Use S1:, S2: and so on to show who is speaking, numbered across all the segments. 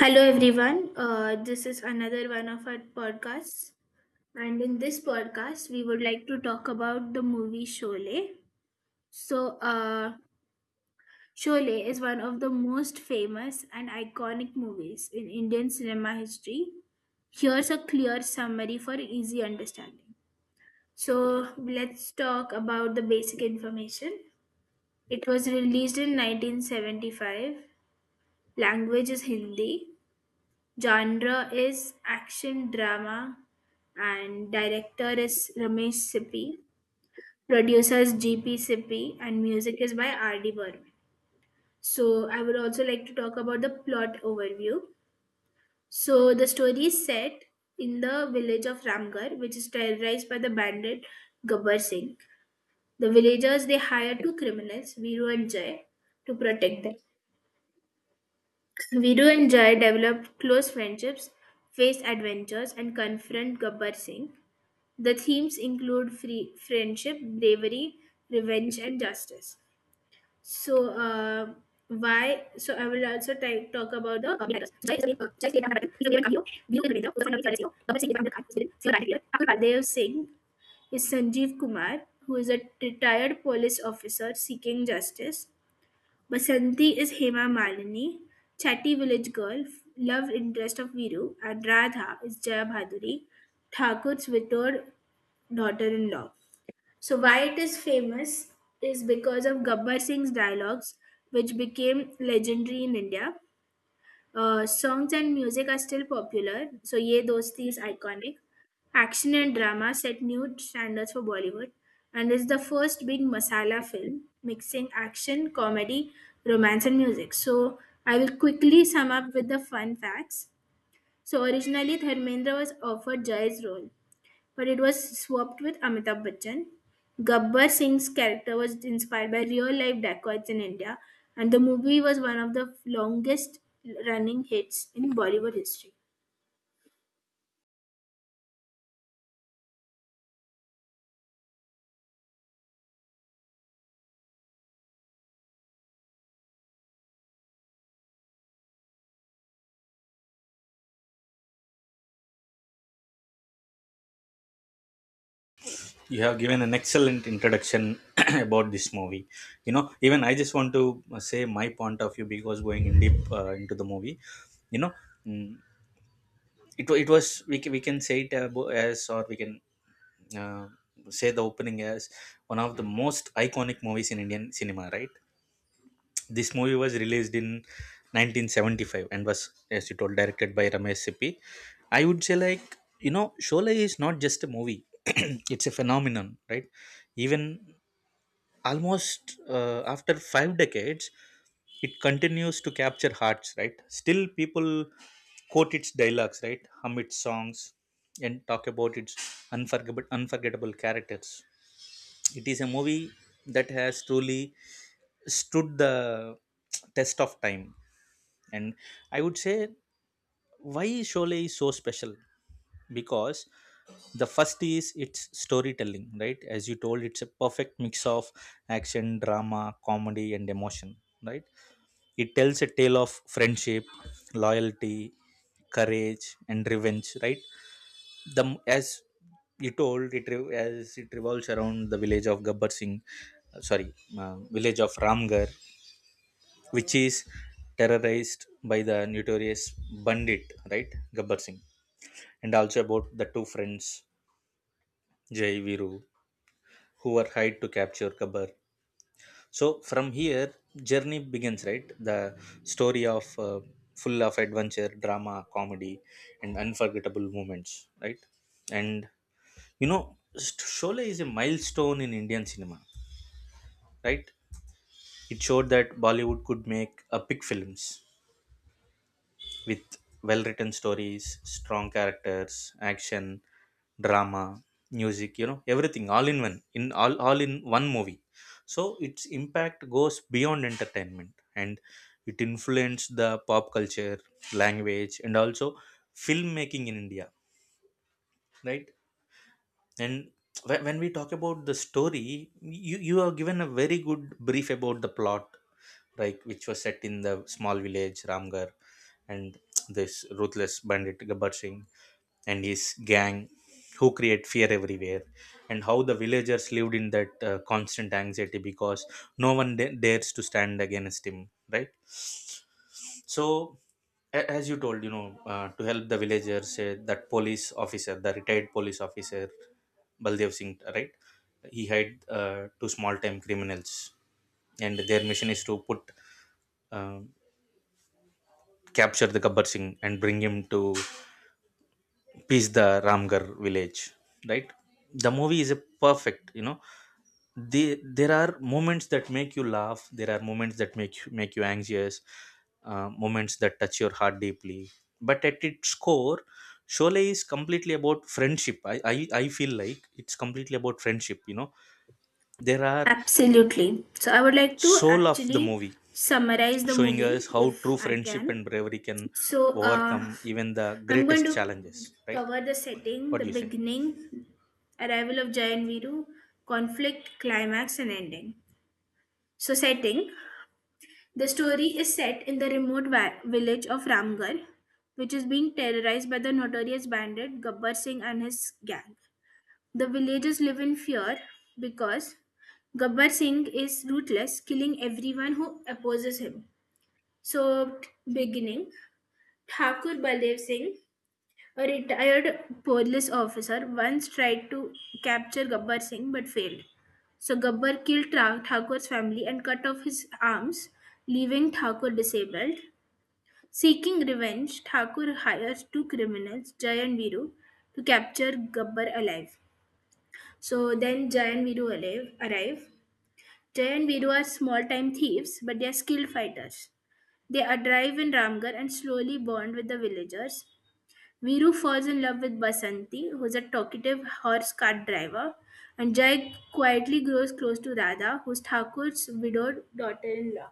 S1: Hello, everyone. This is another one of our podcasts. And in this podcast, we would like to talk about the movie Sholay. So, uh, Sholay is one of the most famous and iconic movies in Indian cinema history. Here's a clear summary for easy understanding. So, let's talk about the basic information. It was released in 1975. Language is Hindi. Genre is action drama and director is Ramesh Sippy. Producer is GP Sippy and music is by R.D. Burman. So I would also like to talk about the plot overview. So the story is set in the village of Ramgarh, which is terrorized by the bandit Gabbar Singh. The villagers they hire two criminals, Viru and Jay, to protect them. Viru and Jay develop close friendships, face adventures, and confront Gabbar Singh. The themes include free friendship, bravery, revenge, and justice. So, uh, I will talk about the comedy writers. So, Jai Sri Ram Ratan, Hero Viran Kamio, Binu Devendra, Uzafar Nabi Swadeshi, Babar Singh Devendra Khan, Hussain, Siva Rani, Abdul Baldev Singh is Sanjeev Kumar, who is a retired police officer seeking justice. Basanti is Hema Malini, chatty village girl, love interest of Viru, and Radha is Jaya Bhaduri, Thakur's widowed daughter in law. So why it is famous is because of Gabbar Singh's dialogues, which became legendary in India. Songs and music are still popular, so Ye Dosti is iconic. Action and drama set new standards for Bollywood and is the first big masala film mixing action, comedy, romance, and music. So, I will quickly sum up with the fun facts. So, originally Dharmendra was offered Jay's role, but it was swapped with Amitabh Bachchan. Gabbar Singh's character was inspired by real life dacoits in India, and the movie was one of the longest running hits in Bollywood history.
S2: You have given an excellent introduction about this movie. You know, even I just want to say my point of view because going in deep into the movie. you know mm, it was, we can say it as, or we can uh, say the opening as one of the most iconic movies in Indian cinema, right? This movie was released in 1975 and was, as you told, directed by Ramesh Sippy. I would say, like, you know, Sholay is not just a movie. It's a phenomenon, right? Even almost after five decades, it continues to capture hearts, right? Still people quote its dialogues, right? hum Its songs, and talk about its unforgettable characters. It is a movie that has truly stood the test of time. And I would say, why Sholay is so special? Because the first is its storytelling, right? As you told, it's a perfect mix of action, drama, comedy and emotion, right? It tells a tale of friendship, loyalty, courage and revenge, right? the as you told, as it revolves around the village of Gabbar Singh, sorry, village of Ramgarh, which is terrorized by the notorious bandit, right, Gabbar Singh. And also about the two friends, Jai, Viru, who were hired to capture Kabir. So from here, journey begins, right? The story of full of adventure, drama, comedy, and unforgettable moments, right? And, you know, Sholay is a milestone in Indian cinema, right? It showed that Bollywood could make epic films with well written stories, strong characters, action, drama, music, you know, everything, all in one, in all in one movie. So its impact goes beyond entertainment, and it influenced the pop culture, language and also filmmaking in India, right? And when we talk about the story, you are given a very good brief about the plot, like which was set in the small village Ramgarh, and this ruthless bandit Gabbar Singh and his gang, who create fear everywhere, and how the villagers lived in that constant anxiety, because no one dares to stand against him, right? So, a- as you told, you know, to help the villagers, that police officer, the retired police officer Baldev Singh, right, he had two small time criminals, and their mission is to put, uh, capture the Gabbar Singh and bring him to peace, the Ramgarh village, right? The movie is a perfect, you know. There are moments that make you laugh. There are moments that make you anxious. Moments that touch your heart deeply. But at its core, Sholay is completely about friendship. I feel like it's completely about friendship. You know, there are
S1: Absolutely. So I would like to
S2: soul of the
S1: actually
S2: movie,
S1: summarize the
S2: showing
S1: movie
S2: us how
S1: if
S2: true
S1: I
S2: friendship
S1: can.
S2: and bravery can
S1: So uh,
S2: overcome even the
S1: I'm going
S2: greatest
S1: to
S2: challenges. Right,
S1: cover the setting,
S2: what
S1: the
S2: do you say?
S1: beginning, arrival of Jay and Viru, conflict, climax, and ending. So setting, the story is set in the remote village of Ramgarh, which is being terrorized by the notorious bandit Gabbar Singh and his gang. The villagers live in fear because Gabbar Singh is ruthless, killing everyone who opposes him. So, beginning, Thakur Baldev Singh, a retired police officer, once tried to capture Gabbar Singh but failed. So Gabbar killed Thakur's family and cut off his arms, leaving Thakur disabled. Seeking revenge, Thakur hires two criminals, Jay and Viru, to capture Gabbar alive. So then Jay and Viru alive, arrive. Jay and Viru are small-time thieves, but they are skilled fighters. They arrive in Ramgarh and slowly bond with the villagers. Viru falls in love with Basanti, who is a talkative horse cart driver, and Jay quietly grows close to Radha, who's Thakur's widowed daughter-in-law.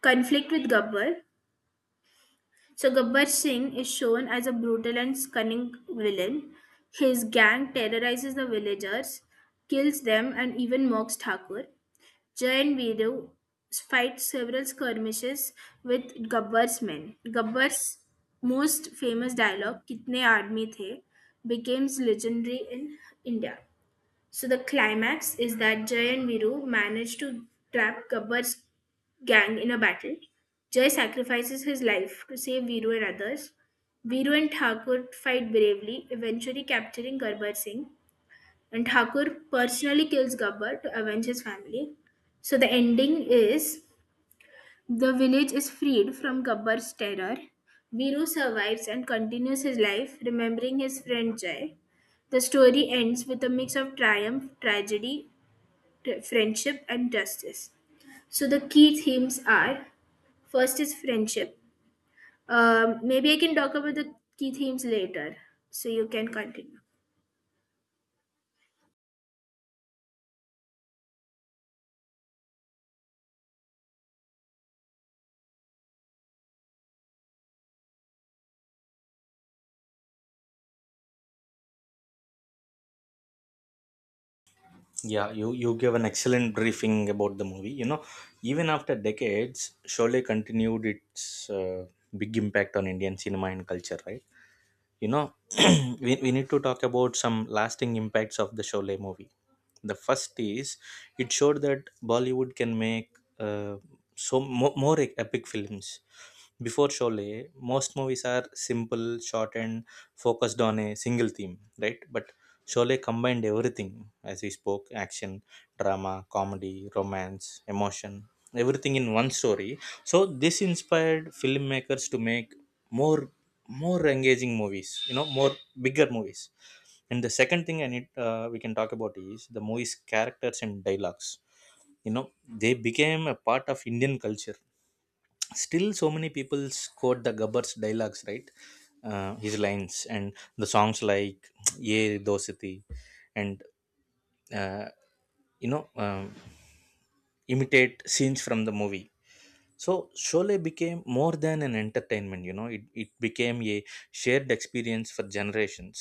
S1: Conflict with Gabbar. So Gabbar Singh is shown as a brutal and cunning villain. His gang terrorizes the villagers, kills them, and even mocks Thakur. Jay and Viru fight several skirmishes with Gabbar's men. Gabbar's most famous dialogue, Kitne Aadmi The, becomes legendary in India. So the climax is that Jay and Viru manage to trap Gabbar's gang in a battle. Jay sacrifices his life to save Viru and others. Viru and Thakur fight bravely, eventually capturing Gabbar Singh. And Thakur personally kills Gabbar to avenge his family. So the ending is the village is freed from Gabbar's terror. Viru survives and continues his life, remembering his friend Jay. The story ends with a mix of triumph, tragedy, friendship and justice. So the key themes are, first is friendship. Maybe I can talk about the key themes later, so you can continue.
S2: Yeah, you gave an excellent briefing about the movie, you know. Even after decades, Sholay continued its big impact on Indian cinema and culture, right? You know, we need to talk about some lasting impacts of the Sholay movie. The first is, it showed that Bollywood can make uh, so more epic films. Before Sholay, most movies are simple, short, and focused on a single theme, right? But Sholay combined everything, as we spoke, action, drama, comedy, romance, emotion, everything in one story. So, this inspired filmmakers to make more more engaging movies, you know, more bigger movies. And the second thing I need, we can talk about, is the movie's characters and dialogues. You know, they became a part of Indian culture. Still so many people quote the Gabbar's dialogues, right, his lines and the songs like Ye Dosati and uh, you know um, imitate scenes from the movie. So Sholay became more than an entertainment. You know, it became a shared experience for generations.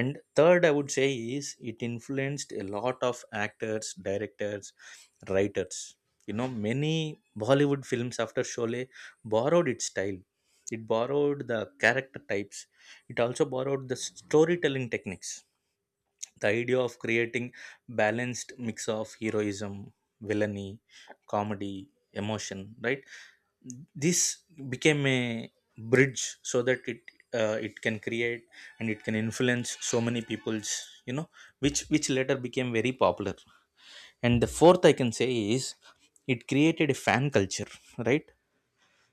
S2: And third, I would say, is it influenced a lot of actors, directors, writers. You know, many Bollywood films after Sholay borrowed its style, it borrowed the character types, it also borrowed the storytelling techniques, the idea of creating balanced mix of heroism, villainy, comedy, emotion, right? This became a bridge, so that it, it can create and it can influence so many people's, you know, which later became very popular. And the fourth, I can say, is it created a fan culture, right?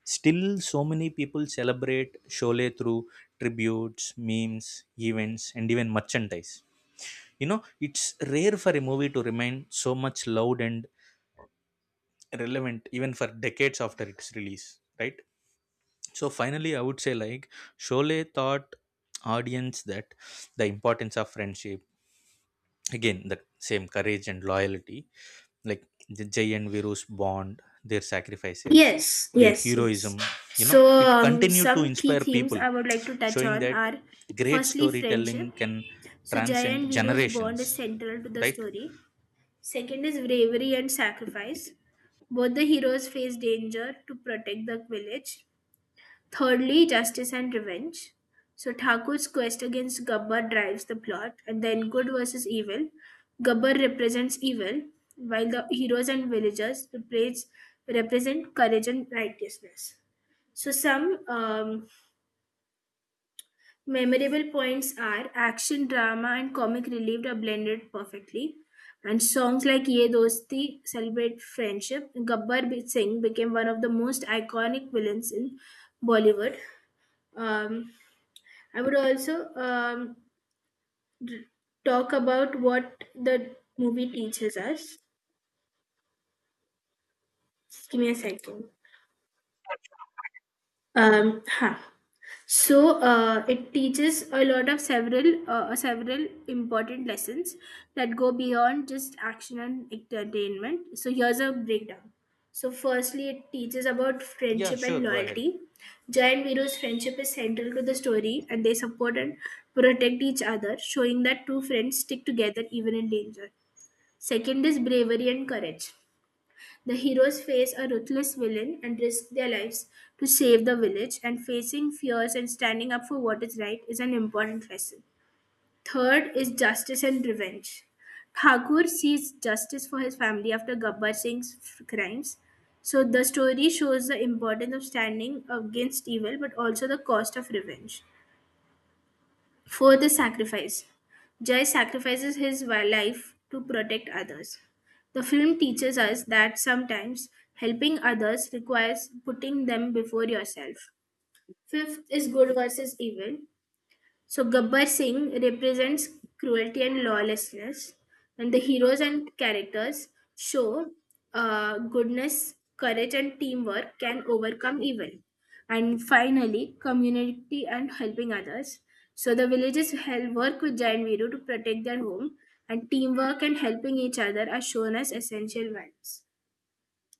S2: Still so many people celebrate Sholay through tributes, memes, events and even merchandise. You know, it's rare for a movie to remain so much loud and relevant even for decades after its release, right? So finally, I would say, like, Sholay taught audience that the importance of friendship, again, the same courage and loyalty, like the Jay and Viru's bond, their sacrifices,
S1: Yes,
S2: their
S1: yes, yes.
S2: heroism, you know,
S1: So
S2: it continued to
S1: some key
S2: inspire
S1: themes
S2: people,
S1: I would like to touch
S2: showing
S1: on
S2: that
S1: are,
S2: great
S1: firstly,
S2: storytelling
S1: friendship.
S2: can
S1: So Jay and
S2: transcend
S1: Viru's bond is
S2: generations,
S1: central to the
S2: right?
S1: story. Second is bravery and sacrifice. Both the heroes face danger to protect the village. Thirdly, justice and revenge. So Thakur's quest against Gabbar drives the plot, and then good versus evil. Gabbar represents evil, while the heroes and villagers represent courage and righteousness. So some memorable points are action, drama, and comic relief are blended perfectly. And songs like Ye Dosti celebrate friendship. Gabbar Singh became one of the most iconic villains in Bollywood. Um, I would also d- talk about what the movie teaches us. Just give me a second. Um, huh. So it teaches a lot of several important lessons that go beyond just action and entertainment. So here's a breakdown. So firstly, it teaches about
S2: Yeah,
S1: friendship
S2: sure,
S1: and
S2: go ahead.
S1: loyalty. Jai and Viru's friendship is central to the story, and they support and protect each other, showing that two friends stick together even in danger. Second is bravery and courage. The heroes face a ruthless villain and risk their lives to save the village, and facing fears and standing up for what is right is an important lesson. Third is justice and revenge. Thakur sees justice for his family after Gabbar Singh's crimes. So the story shows the importance of standing against evil but also the cost of revenge. For the sacrifice, Jai sacrifices his life to protect others. The film teaches us that sometimes helping others requires putting them before yourself. Fifth is good versus evil. So Gabbar Singh represents cruelty and lawlessness, and the heroes and characters show goodness, courage, and teamwork can overcome evil. And finally, community and helping others. So the villagers help work with Giant Viru to protect their home, and teamwork and helping each other are shown as essential values.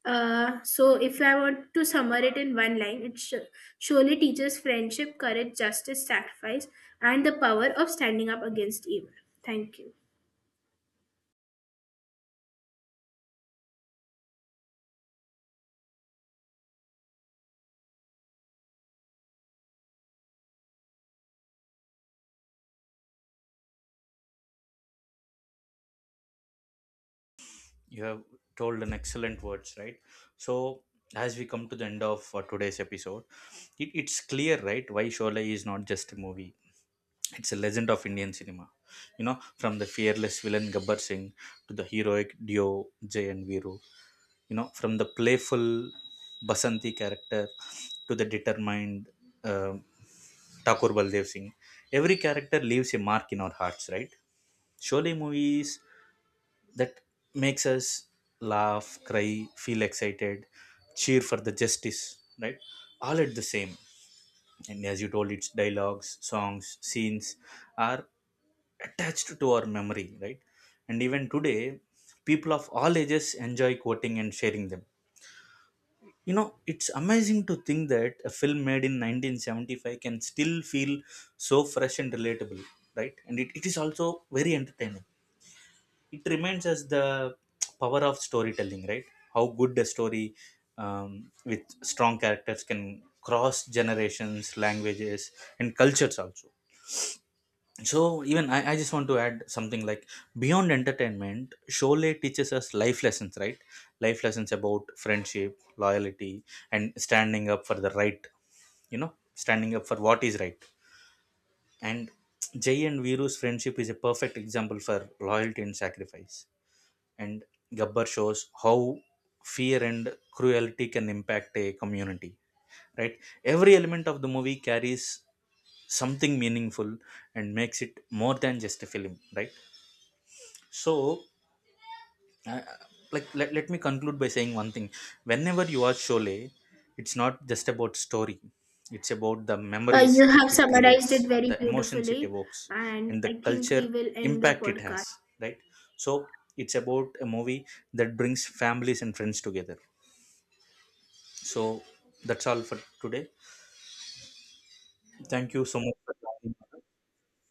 S1: So if I want to sum it in one line, it surely teaches friendship, courage, justice, sacrifice, and the power of standing up against evil. Thank you.
S2: You have told an excellent words, right? So, as we come to the end of today's episode, it's clear, right, why Sholay is not just a movie, it's a legend of Indian cinema. You know, from the fearless villain Gabbar Singh to the heroic duo Jay and Viru, you know, from the playful Basanti character to the determined uh, Thakur Baldev Singh, every character leaves a mark in our hearts, right? Surely movies that makes us laugh, cry, feel excited, cheer for the justice, right? All at the same. And as you told, its dialogues, songs, scenes are attached to our memory, right? And even today, people of all ages enjoy quoting and sharing them. You know, it's amazing to think that a film made in 1975 can still feel so fresh and relatable, right? And it is also very entertaining. It remains as the power of storytelling, right? How good a story um, with strong characters can cross generations, languages and cultures also. So, even I just want to add something, like, beyond entertainment, Sholay teaches us life lessons, right? Life lessons about friendship, loyalty and standing up for the right, you know, standing up for what is right. And Jay and Viru's friendship is a perfect example for loyalty and sacrifice. And Gabbar shows how fear and cruelty can impact a community, right? Every element of the movie carries something meaningful and makes it more than just a film, right? So, I, like, let me conclude by saying one thing, whenever you watch Sholay, it's not just about story, it's about the memories
S1: You have
S2: it
S1: summarized
S2: creates,
S1: it very
S2: the emotions it
S1: beautifully,
S2: evokes,
S1: and
S2: and
S1: I
S2: the
S1: think
S2: culture
S1: we will end the
S2: impact it has,
S1: podcast.
S2: right? So, it's about a movie that brings families and friends together. So that's all for today, thank you so much for joining.